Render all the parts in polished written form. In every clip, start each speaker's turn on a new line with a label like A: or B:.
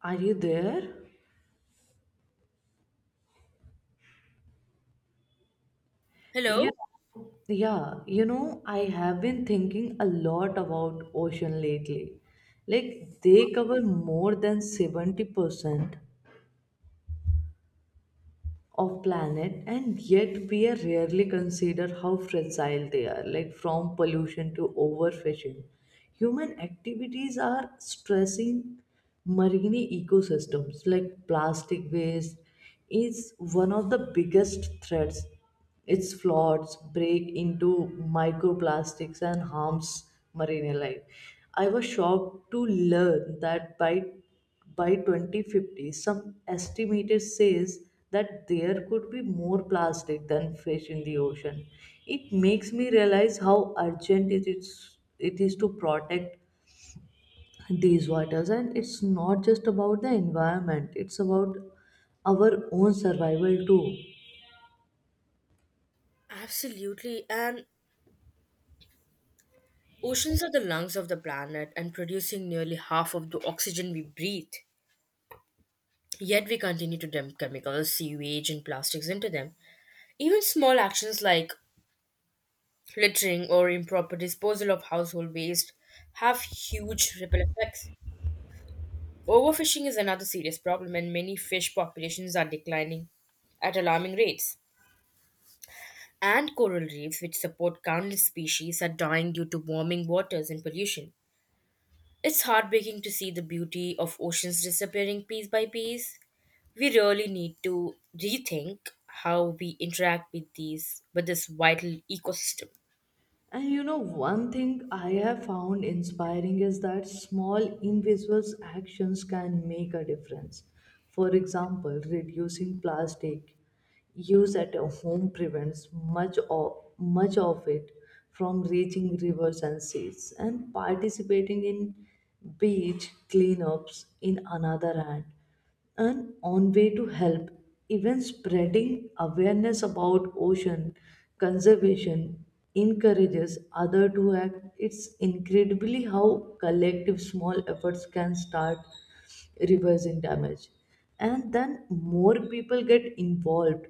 A: Are you there? You
B: Hello?
A: yeah, I have been thinking a lot about ocean lately. Like they cover more than 70% of planet, and yet we are rarely consider how fragile they are, like from pollution to overfishing. Human activities are stressing marine ecosystems, like plastic waste is one of the biggest threats. Its floods break into microplastics and harms marine life. I was shocked to learn that by 2050 some estimated says that there could be more plastic than fish in the ocean. It makes me realize how urgent it is to protect these waters, and it's not just about the environment, it's about our own survival too.
B: Absolutely. And oceans are the lungs of the planet and producing nearly half of the oxygen we breathe. Yet we continue to dump chemicals, sewage, and plastics into them. Even small actions like littering or improper disposal of household waste have huge ripple effects. Overfishing is another serious problem, and many fish populations are declining at alarming rates. And coral reefs, which support countless species, are dying due to warming waters and pollution. It's heartbreaking to see the beauty of oceans disappearing piece by piece. We really need to rethink how we interact with these with this vital ecosystem.
A: And one thing I have found inspiring is that small invisible actions can make a difference. For example, reducing plastic use at a home prevents much of it from reaching rivers and seas. And participating in beach cleanups, in another hand, and on way to help, even spreading awareness about ocean conservation encourages other to act. It's incredibly how collective small efforts can start reversing damage, and then more people get involved,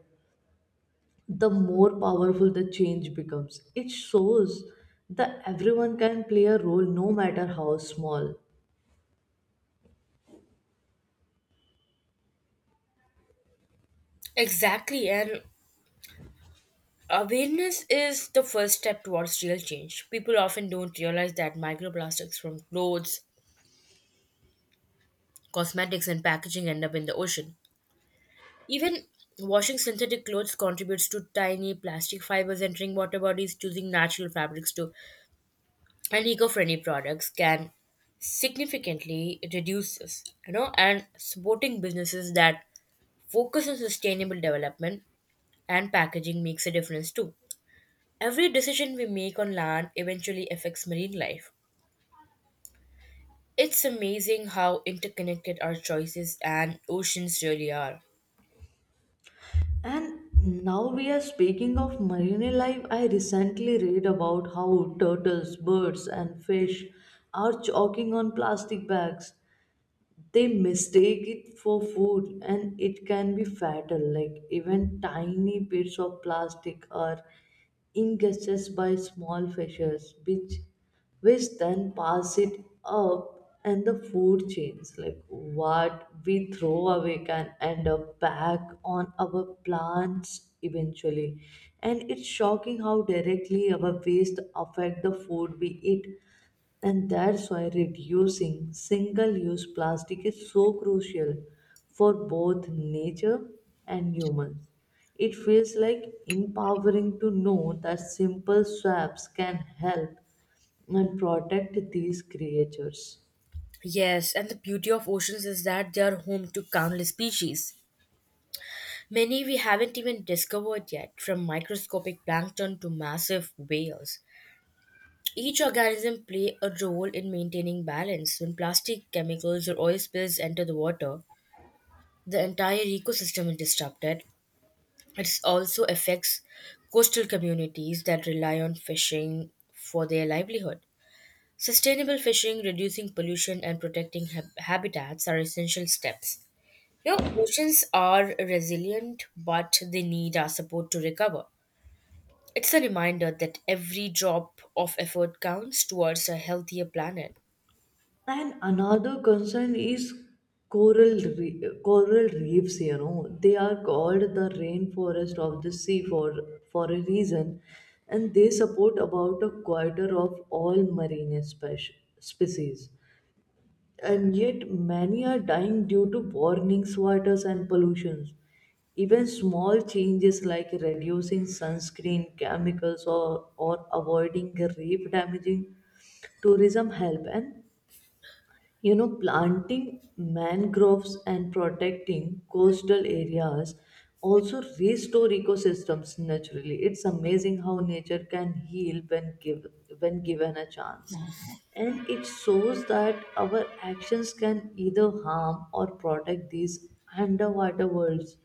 A: the more powerful the change becomes. It shows that everyone can play a role, no matter how small.
B: Exactly, and awareness is the first step towards real change. People often don't realize that microplastics from clothes, cosmetics, and packaging end up in the ocean. Even washing synthetic clothes contributes to tiny plastic fibers entering water bodies, choosing natural fabrics to and eco-friendly products can significantly reduce this, and supporting businesses that focus on sustainable development and packaging makes a difference too. Every decision we make on land eventually affects marine life. It's amazing how interconnected our choices and oceans really are.
A: And now we are speaking of marine life. I recently read about how turtles, birds, and fish are choking on plastic bags. They mistake it for food, and it can be fatal, like even tiny bits of plastic are ingested by small fishes, which then pass it up and the food chains, like what we throw away can end up back on our plants eventually. And it's shocking how directly our waste affect the food we eat, and that's why reducing single use plastic is so crucial for both nature and humans. It feels like empowering to know that simple swaps can help and protect these creatures.
B: Yes, and the beauty of oceans is that they are home to countless species. Many we haven't even discovered yet, from microscopic plankton to massive whales. Each organism play a role in maintaining balance. When plastic, chemicals, or oil spills enter the water, the entire ecosystem is disrupted. It also affects coastal communities that rely on fishing for their livelihood. Sustainable fishing, reducing pollution, and protecting habitats are essential steps. You know, oceans are resilient, but they need our support to recover. It's a reminder that every drop of effort counts towards a healthier planet.
A: And another concern is coral reefs. You know, they are called the rainforest of the sea for a reason, and they support about a quarter of all marine species. And yet, many are dying due to warming, waters, and pollutions. Even small changes like reducing sunscreen, chemicals, or avoiding reef damaging tourism help. And planting mangroves and protecting coastal areas also restore ecosystems naturally. It's amazing how nature can heal when given a chance. And it shows that our actions can either harm or protect these underwater worlds.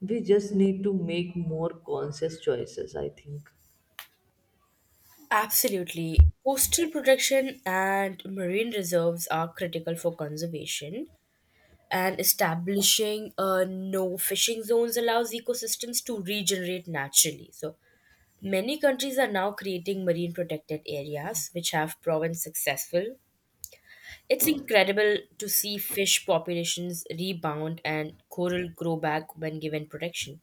A: We just need to make more conscious choices, I think.
B: Absolutely. Coastal protection and marine reserves are critical for conservation, and establishing no fishing zones allows ecosystems to regenerate naturally. So, many countries are now creating marine protected areas, which have proven successful. It's incredible to see fish populations rebound and coral grow back when given protection.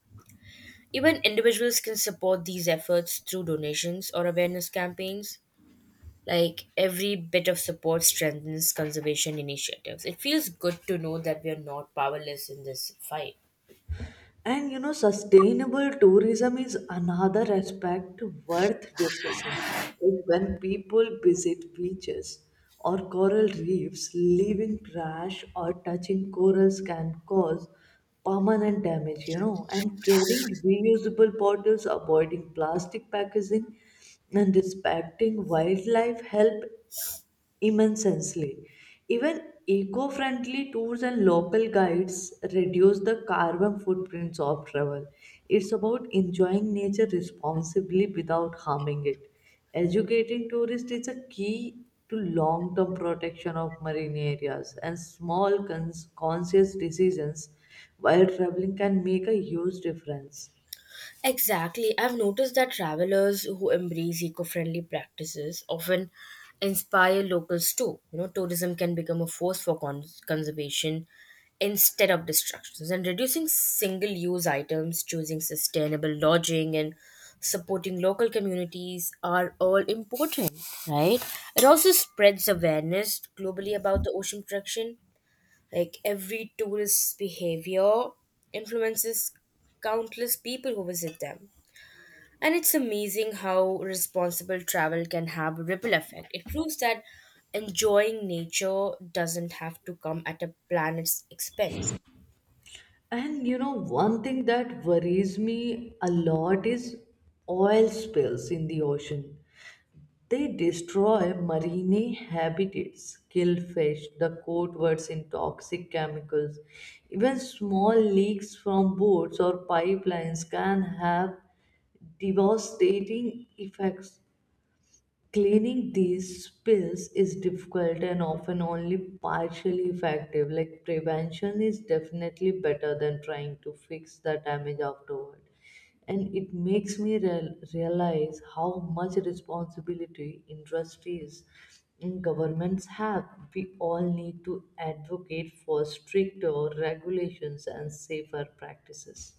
B: Even individuals can support these efforts through donations or awareness campaigns. Like every bit of support strengthens conservation initiatives. It feels good to know that we are not powerless in this fight.
A: And sustainable tourism is another aspect worth discussing. Like when people visit beaches or coral reefs, leaving trash or touching corals can cause permanent damage, and carrying reusable bottles, avoiding plastic packaging, and respecting wildlife help immensely. Even eco friendly tours and local guides reduce the carbon footprints of travel. It's about enjoying nature responsibly without harming it. Educating tourists is a key to long term protection of marine areas, and small conscious decisions while traveling can make a huge difference.
B: Exactly. I've noticed that travelers who embrace eco-friendly practices often inspire locals too. You know, tourism can become a force for conservation instead of destructions and reducing single-use items, choosing sustainable lodging and supporting local communities are all important, right? It also spreads awareness globally about the ocean protection. Like every tourist's behavior influences countless people who visit them. And it's amazing how responsible travel can have a ripple effect. It proves that enjoying nature doesn't have to come at a planet's expense.
A: And one thing that worries me a lot is oil spills in the ocean. They destroy marine habitats, kill fish, the coatwords in toxic chemicals. Even small leaks from boats or pipelines can have devastating effects. Cleaning these spills is difficult and often only partially effective. Like prevention is definitely better than trying to fix the damage afterward. And it makes me realize how much responsibility industries and governments have. We all need to advocate for stricter regulations and safer practices.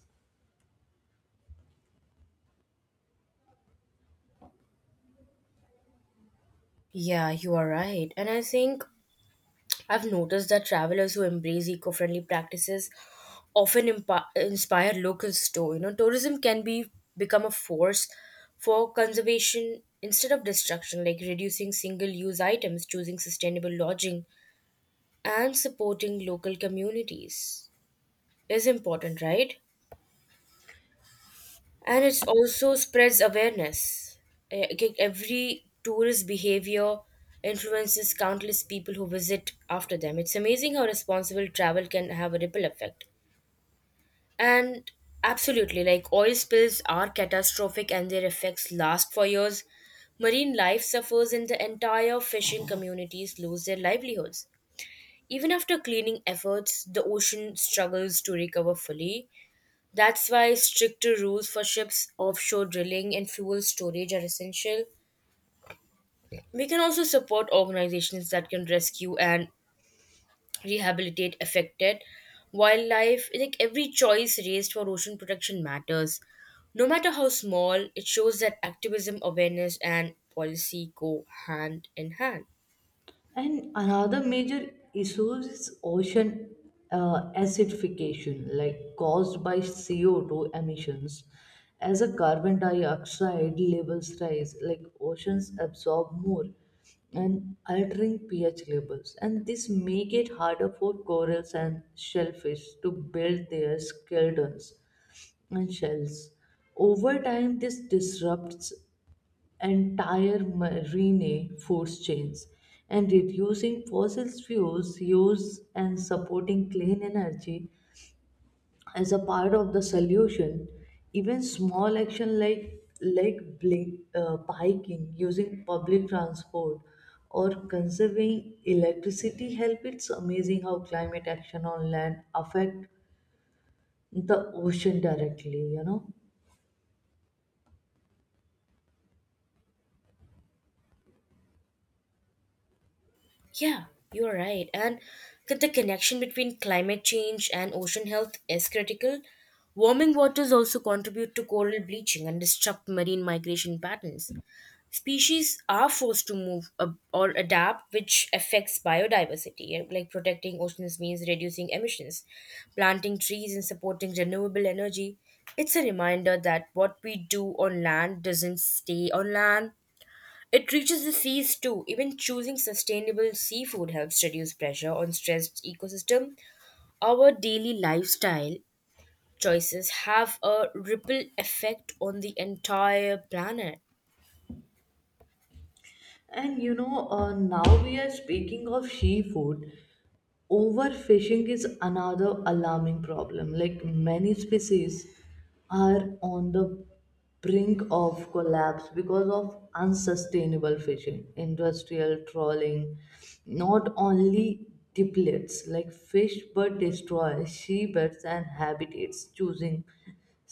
B: Yeah, you are right. And I think I've noticed that travelers who embrace eco friendly practices often inspire locals too. You know, tourism can be become a force for conservation instead of destruction, like reducing single use items, choosing sustainable lodging, and supporting local communities. Is important, right? And it's also spreads awareness. Okay, every tourist behavior influences countless people who visit after them. It's amazing how responsible travel can have a ripple effect. And absolutely, like oil spills are catastrophic and their effects last for years. Marine life suffers and the entire fishing communities lose their livelihoods. Even after cleaning efforts, the ocean struggles to recover fully. That's why stricter rules for ships, offshore drilling, and fuel storage are essential. We can also support organizations that can rescue and rehabilitate affected wildlife. Like every choice raised for ocean protection matters. No matter how small, it shows that activism, awareness, and policy go hand in hand.
A: And another major issue is ocean acidification, like caused by CO2 emissions. As a carbon dioxide levels rise, like oceans absorb more and altering pH levels. And this make it harder for corals and shellfish to build their skeletons and shells. Over time, this disrupts entire marine food chains, and reducing fossil fuels use and supporting clean energy as a part of the solution. Even small action like biking, using public transport or conserving electricity help. It's amazing how climate action on land affect the ocean directly,
B: Yeah, you're right. And that the connection between climate change and ocean health is critical. Warming waters also contribute to coral bleaching and disrupt marine migration patterns. Species are forced to move or adapt, which affects biodiversity. Like protecting oceans means reducing emissions, planting trees, and supporting renewable energy. It's a reminder that what we do on land doesn't stay on land, it reaches the seas too. Even choosing sustainable seafood helps reduce pressure on stressed ecosystem. Our daily lifestyle choices have a ripple effect on the entire planet.
A: and now we are speaking of seafood. Overfishing is another alarming problem, like many species are on the brink of collapse because of unsustainable fishing. Industrial trawling not only depletes like fish but destroys seabeds and habitats. Choosing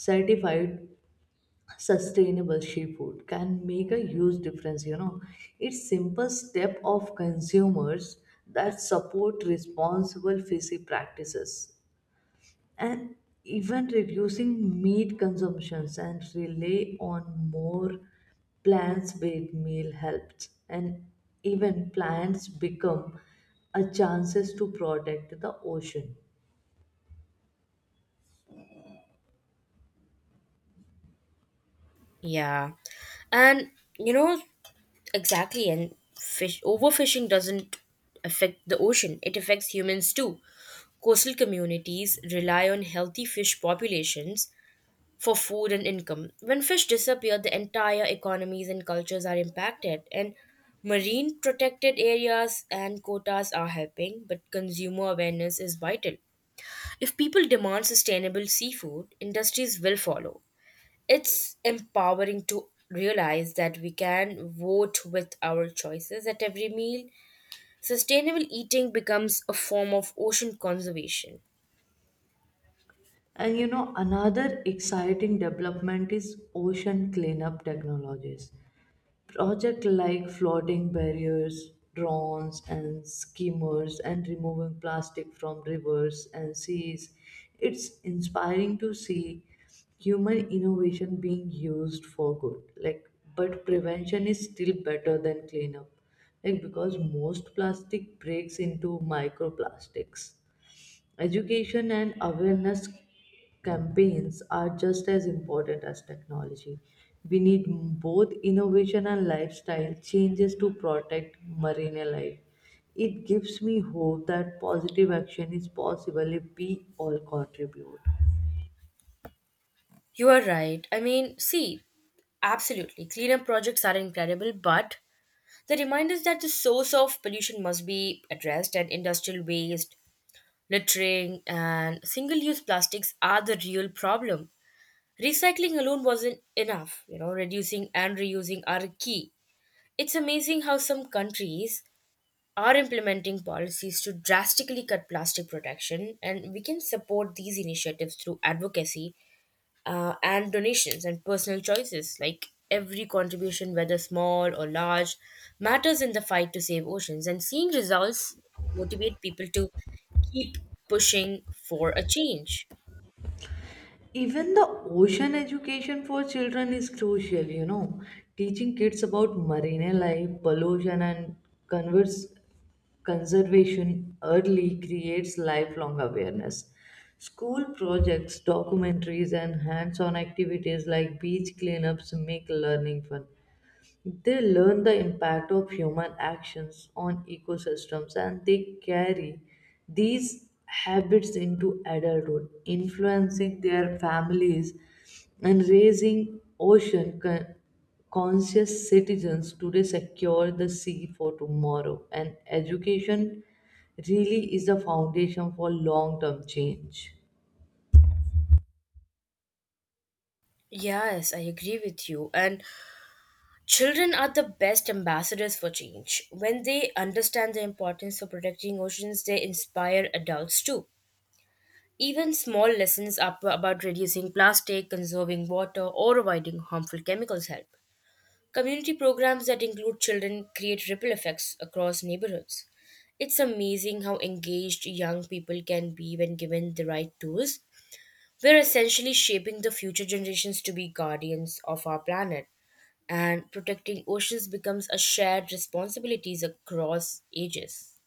A: certified sustainable seafood can make a huge difference, it's simple step of consumers that support responsible fishing practices, and even reducing meat consumptions and rely on more plant-based meal helps, and even plants become a chances to protect the ocean.
B: Yeah. And you know exactly, and fish overfishing doesn't affect the ocean. It affects humans too. Coastal communities rely on healthy fish populations for food and income. When fish disappear, the entire economies and cultures are impacted, and marine protected areas and quotas are helping, but consumer awareness is vital. If people demand sustainable seafood, industries will follow. It's empowering to realize that we can vote with our choices at every meal. Sustainable eating becomes a form of ocean conservation.
A: And another exciting development is ocean cleanup technologies. Projects like flooding barriers, drones and skimmers, and removing plastic from rivers and seas. It's inspiring to see human innovation being used for good. Like, but prevention is still better than cleanup. Like because most plastic breaks into microplastics. Education and awareness campaigns are just as important as technology. We need both innovation and lifestyle changes to protect marine life. It gives me hope that positive action is possible if we all contribute.
B: You are right. I mean, see, absolutely, cleanup projects are incredible, but the reminders that the source of pollution must be addressed and industrial waste, littering, and single use plastics are the real problem. Recycling alone wasn't enough, reducing and reusing are key. It's amazing how some countries are implementing policies to drastically cut plastic production, and we can support these initiatives through advocacy and donations and personal choices like every contribution whether small or large matters in the fight to save oceans and seeing results motivate people to keep pushing for a change.
A: Even the ocean education for children is crucial, Teaching kids about marine life, pollution, and converse conservation early creates lifelong awareness. School projects, documentaries, and hands on activities like beach cleanups make learning fun. They learn the impact of human actions on ecosystems, and they carry these habits into adulthood, influencing their families and raising ocean conscious citizens today secure the sea for tomorrow. And education really is the foundation for long term change.
B: Yes, I agree with you, and children are the best ambassadors for change. When they understand the importance of protecting oceans they inspire adults too. Even small lessons up about reducing plastic, conserving water or avoiding harmful chemicals help. Community programs that include children create ripple effects across neighborhoods. It's amazing how engaged young people can be when given the right tools. We're essentially shaping the future generations to be guardians of our planet, and protecting oceans becomes a shared responsibility across ages.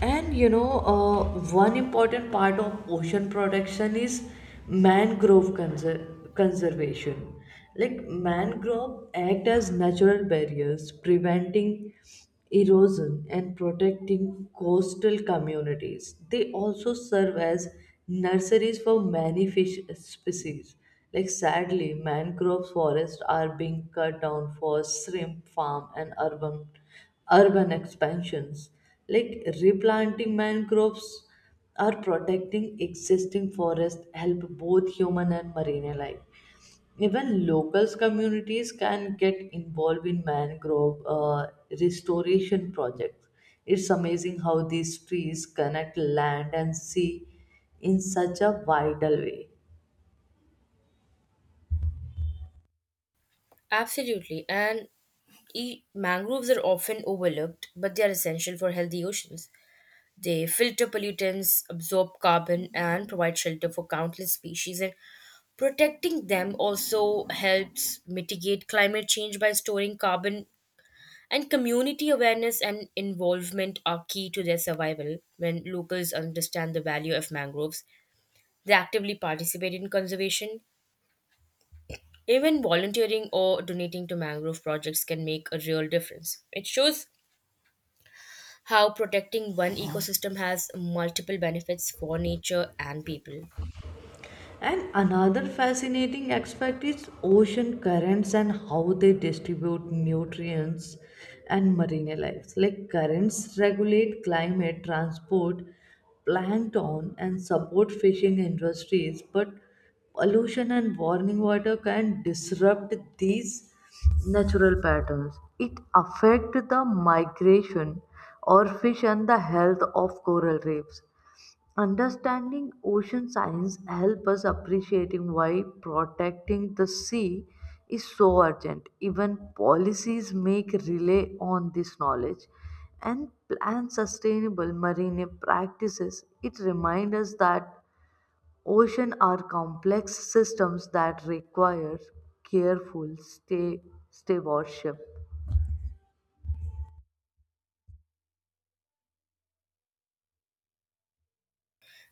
A: And one important part of ocean protection is mangrove conservation. Like mangrove act as natural barriers, preventing erosion and protecting coastal communities. They also serve as nurseries for many fish species. Like sadly, mangrove forests are being cut down for shrimp farm and urban expansions. Like replanting mangroves or protecting existing forests help both human and marine life. Even local communities can get involved in mangrove restoration projects. It's amazing how these trees connect land and sea in such a vital way.
B: Absolutely, and mangroves are often overlooked, but they are essential for healthy oceans. They filter pollutants, absorb carbon, and provide shelter for countless species and protecting them also helps mitigate climate change by storing carbon, and community awareness and involvement are key to their survival. When locals understand the value of mangroves, they actively participate in conservation. Even volunteering or donating to mangrove projects can make a real difference. It shows how protecting one ecosystem has multiple benefits for nature and people.
A: And another fascinating aspect is ocean currents and how they distribute nutrients and marine life. Like currents regulate climate, transport plankton, and support fishing industries, but pollution and warming water can disrupt these natural patterns. It affects the migration or fish and the health of coral reefs. Understanding ocean science helps us appreciating why protecting the sea is so urgent. Even policies make rely on this knowledge and plan sustainable marine practices. It reminds us that ocean are complex systems that require careful stay stewardship.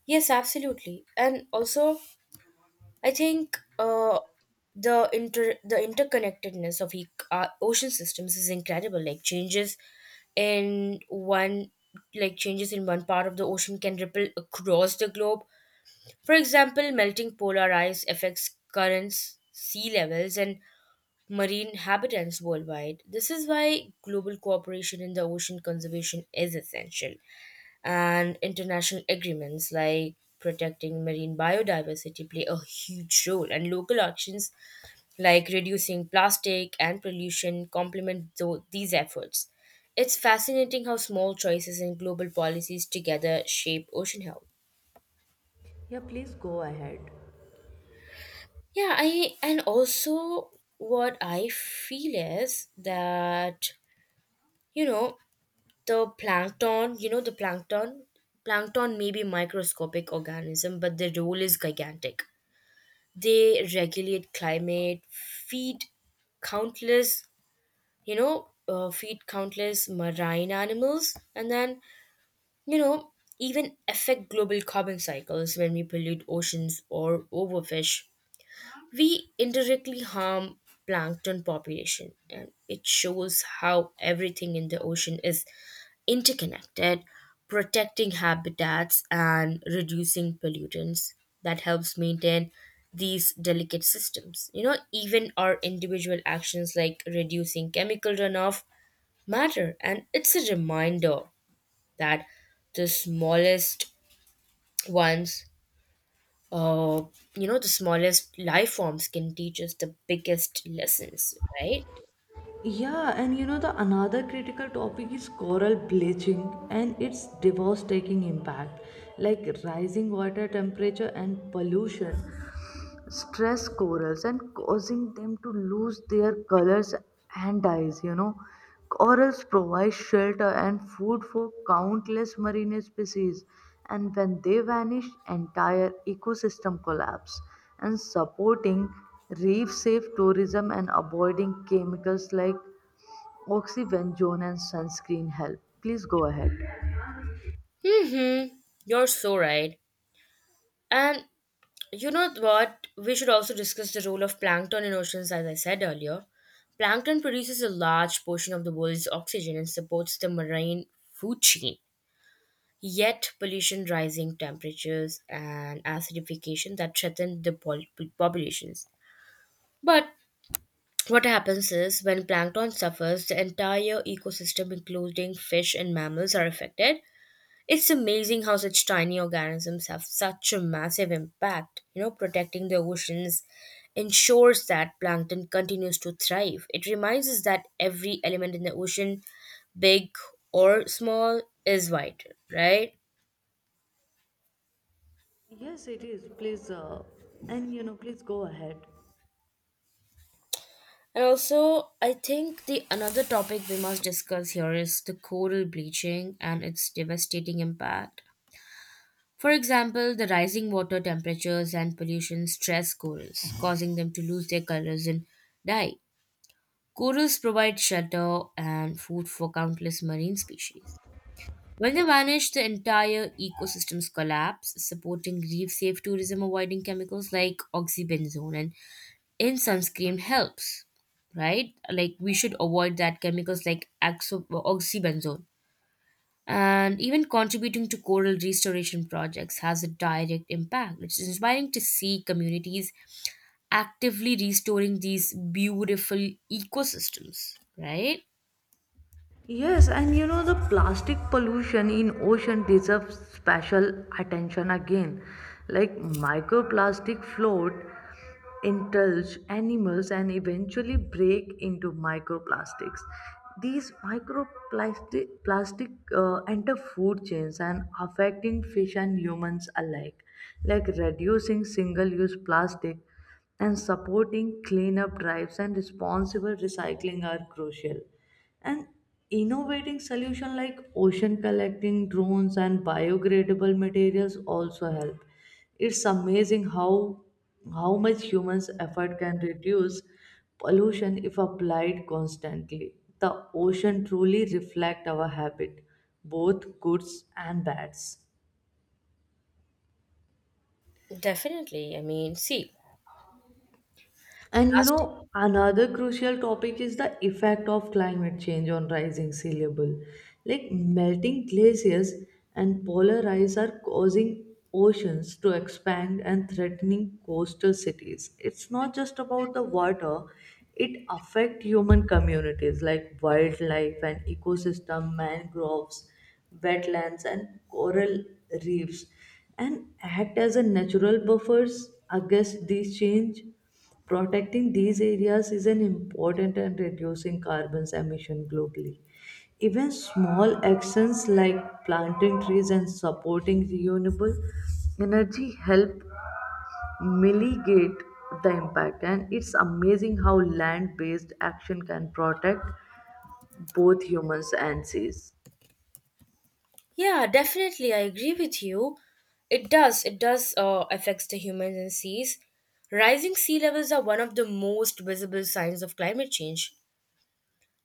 B: Yes, absolutely. And also, I think the interconnectedness of ocean systems is incredible. In one like changes in one part of the ocean can ripple across the globe. For example, melting polar ice affects currents, sea levels, and marine habitats worldwide. This is why global cooperation in the ocean conservation is essential, and international agreements like protecting marine biodiversity play a huge role, and local actions like reducing plastic and pollution complement these efforts. It's fascinating how small choices and global policies together shape ocean health.
A: Yeah, please go ahead.
B: Yeah i and also, what I feel is that you know the plankton you know the plankton plankton may be microscopic organism but their role is gigantic. They regulate climate, countless, feed countless marine animals, and then, you know, even affect global carbon cycles. When we pollute oceans or overfish, we indirectly harm plankton population, and it shows how everything in the ocean is interconnected. Protecting habitats and reducing pollutants that helps maintain these delicate systems. You know, even our individual actions like reducing chemical runoff matter, and it's a reminder that the smallest ones. Uh, you know, the smallest life forms can teach us the biggest lessons, right?
A: Yeah, and the another critical topic is coral bleaching and its devastating impact, like rising water temperature and pollution, stress corals and causing them to lose their colors and dyes, Corals provide shelter and food for countless marine species, and when they vanish, entire ecosystem collapse. And supporting reef safe tourism and avoiding chemicals like Oxyvenzone and sunscreen help. Please go ahead.
B: Mm-hmm. You're so right. And you know what? We should also discuss the role of plankton in oceans, as I said earlier. Plankton produces a large portion of the world's oxygen and supports the marine food chain. Yet, pollution, rising temperatures, and acidification that threaten the populations. But what happens is when plankton suffers, the entire ecosystem, including fish and mammals, are affected. It's amazing how such tiny organisms have such a massive impact. You know, protecting the oceans ensures that plankton continues to thrive. It reminds us that every element in the ocean, big or small, is vital, right?
A: Yes, it is. Please, and please go ahead.
B: And also, I think the another topic we must discuss here is the coral bleaching and its devastating impact. For example, the rising water temperatures and pollution stress corals, causing them to lose their colors and die. Corals provide shelter and food for countless marine species. When they vanish, the entire ecosystems collapse, supporting reef safe tourism, avoiding chemicals like oxybenzone, and in sunscreen helps, right? Like, we should avoid that chemicals like oxybenzone. And even contributing to coral restoration projects has a direct impact. It's inspiring to see communities actively restoring these beautiful ecosystems, right?
A: Yes, and the plastic pollution in ocean deserves special attention again. Like microplastic float, indulge animals and eventually break into microplastics. These microplastic plastic enter food chains and affecting fish and humans alike. Like reducing single-use plastic and supporting cleanup drives and responsible recycling are crucial. And innovating solutions like ocean collecting drones and biodegradable materials also help. It's amazing how much humans' effort can reduce pollution if applied constantly. The ocean truly reflects our habit, both goods and bads.
B: Definitely. I mean, see,
A: And
B: plastic.
A: another crucial topic is the effect of climate change on rising sea level. Like melting glaciers and polar ice are causing oceans to expand and threatening coastal cities. It's not just about the water, it affects human communities like wildlife and ecosystem, mangroves, wetlands, and coral reefs, and act as a natural buffers against these change. Protecting these areas is an important and reducing carbon emission globally. Even small actions like planting trees and supporting renewable energy help mitigate the impact. And it's amazing how land-based action can protect both humans and seas.
B: Yeah, definitely. I agree with you. It does. It does affects the humans and seas. Rising sea levels are one of the most visible signs of climate change.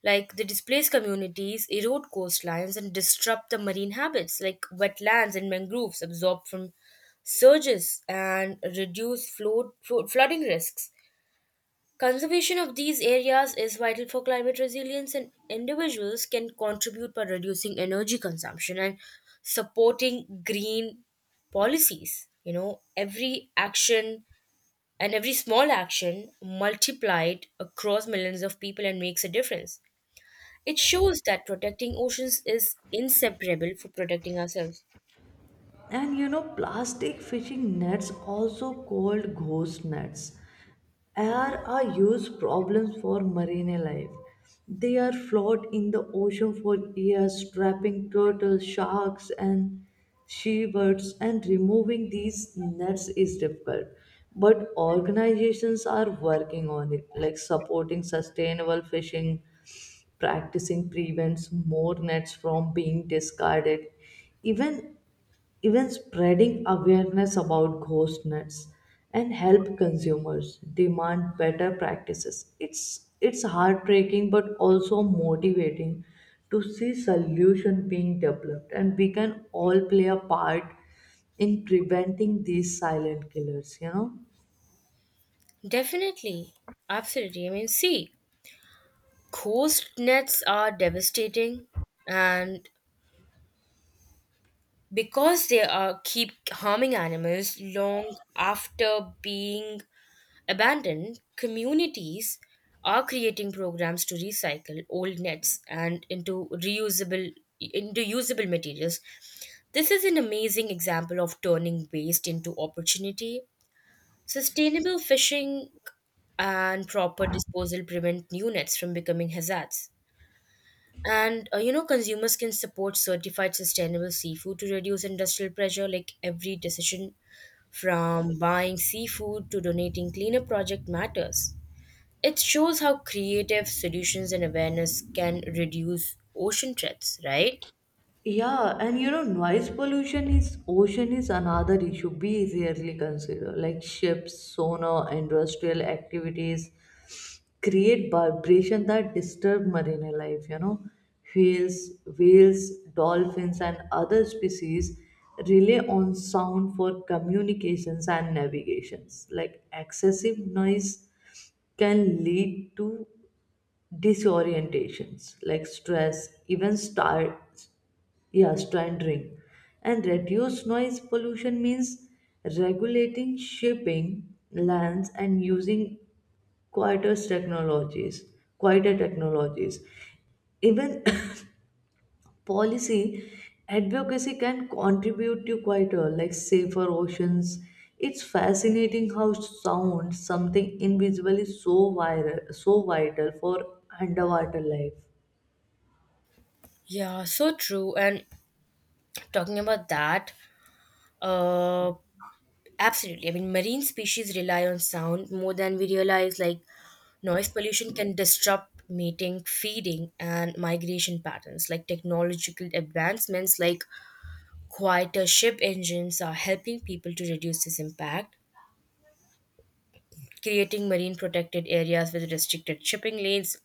B: Like they displace communities, erode coastlines, and disrupt the marine habits, like wetlands and mangroves absorb from surges and reduce flooding risks. Conservation of these areas is vital for climate resilience, and individuals can contribute by reducing energy consumption and supporting green policies. You know, every small action multiplied across millions of people and makes a difference. It shows that protecting oceans is inseparable for protecting ourselves.
A: And plastic fishing nets, also called ghost nets, Air are huge problems for marine life. They are float in the ocean for years, trapping turtles, sharks, and seabirds, and removing these nets is difficult. But organizations are working on it, like supporting sustainable fishing, practicing prevents more nets from being discarded. Even even spreading awareness about ghost nets and help consumers demand better practices. It's heartbreaking but also motivating to see solution being developed, and we can all play a part in preventing these silent killers,
B: Definitely. Absolutely. I mean, see, coast nets are devastating and because they are keep harming animals long after being abandoned. Communities are creating programs to recycle old nets and into reusable into usable materials. This is an amazing example of turning waste into opportunity. Sustainable fishing and proper disposal prevent new nets from becoming hazards, and you know, consumers can support certified sustainable seafood to reduce industrial pressure. Like every decision from buying seafood to donating cleanup project matters. It shows how creative solutions and awareness can reduce ocean threats, right?
A: yeah, and noise pollution is ocean is another issue we rarely consider, like ships, sonar, industrial activities, create vibration that disturb marine life, whales whales, dolphins and other species rely on sound for communications and navigations. Like excessive noise can lead to disorientations like stress, even star, yeah, standing, and reduced noise pollution means regulating shipping, lands, and using quieter technologies, quieter technologies. Even policy advocacy can contribute to quieter, like safer oceans. It's fascinating how sound, something invisible, is so viral, so vital for underwater life.
B: Yeah, so true. And talking about that, uh, absolutely. I mean, marine species rely on sound more than we realize. Like noise pollution can disrupt mating, feeding, and migration patterns. Like technological advancements like quieter ship engines are helping people to reduce this impact. Creating marine protected areas with restricted shipping lanes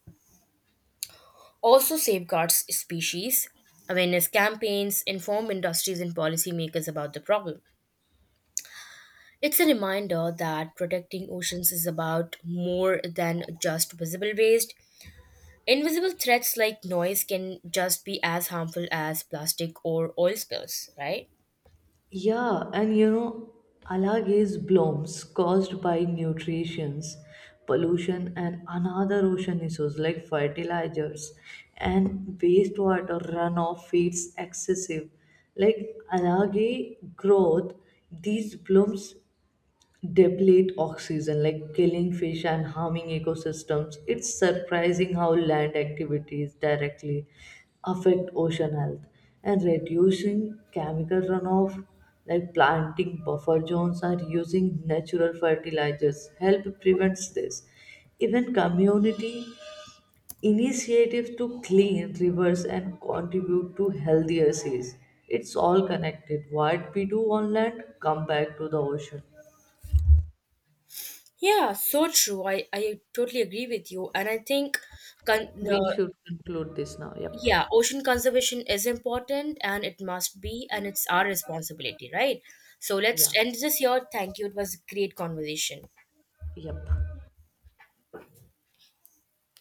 B: also safeguards species. Awareness campaigns inform industries and policymakers about the problem. It's a reminder that protecting oceans is about more than just visible waste. Invisible threats like noise can just be as harmful as plastic or oil spills, right?
A: Yeah, and algae blooms caused by nutrients, pollution, and another ocean issues like fertilizers and wastewater runoff feeds excessive. Like algae growth, these blooms deplete oxygen, like killing fish and harming ecosystems. It's surprising how land activities directly affect ocean health, and reducing chemical runoff like planting buffer zones or using natural fertilizers help prevents this. Even community initiatives to clean rivers and contribute to healthier seas, it's all connected. What we do on land come back to the ocean.
B: Yeah, so true. I totally agree with you. And con-
A: We
B: uh,
A: should conclude this now. Yep.
B: yeah, ocean conservation is important and it must be, and it's our responsibility, right? So let's
A: Yeah.
B: end this here. Thank you. It was a great conversation.
A: Yep.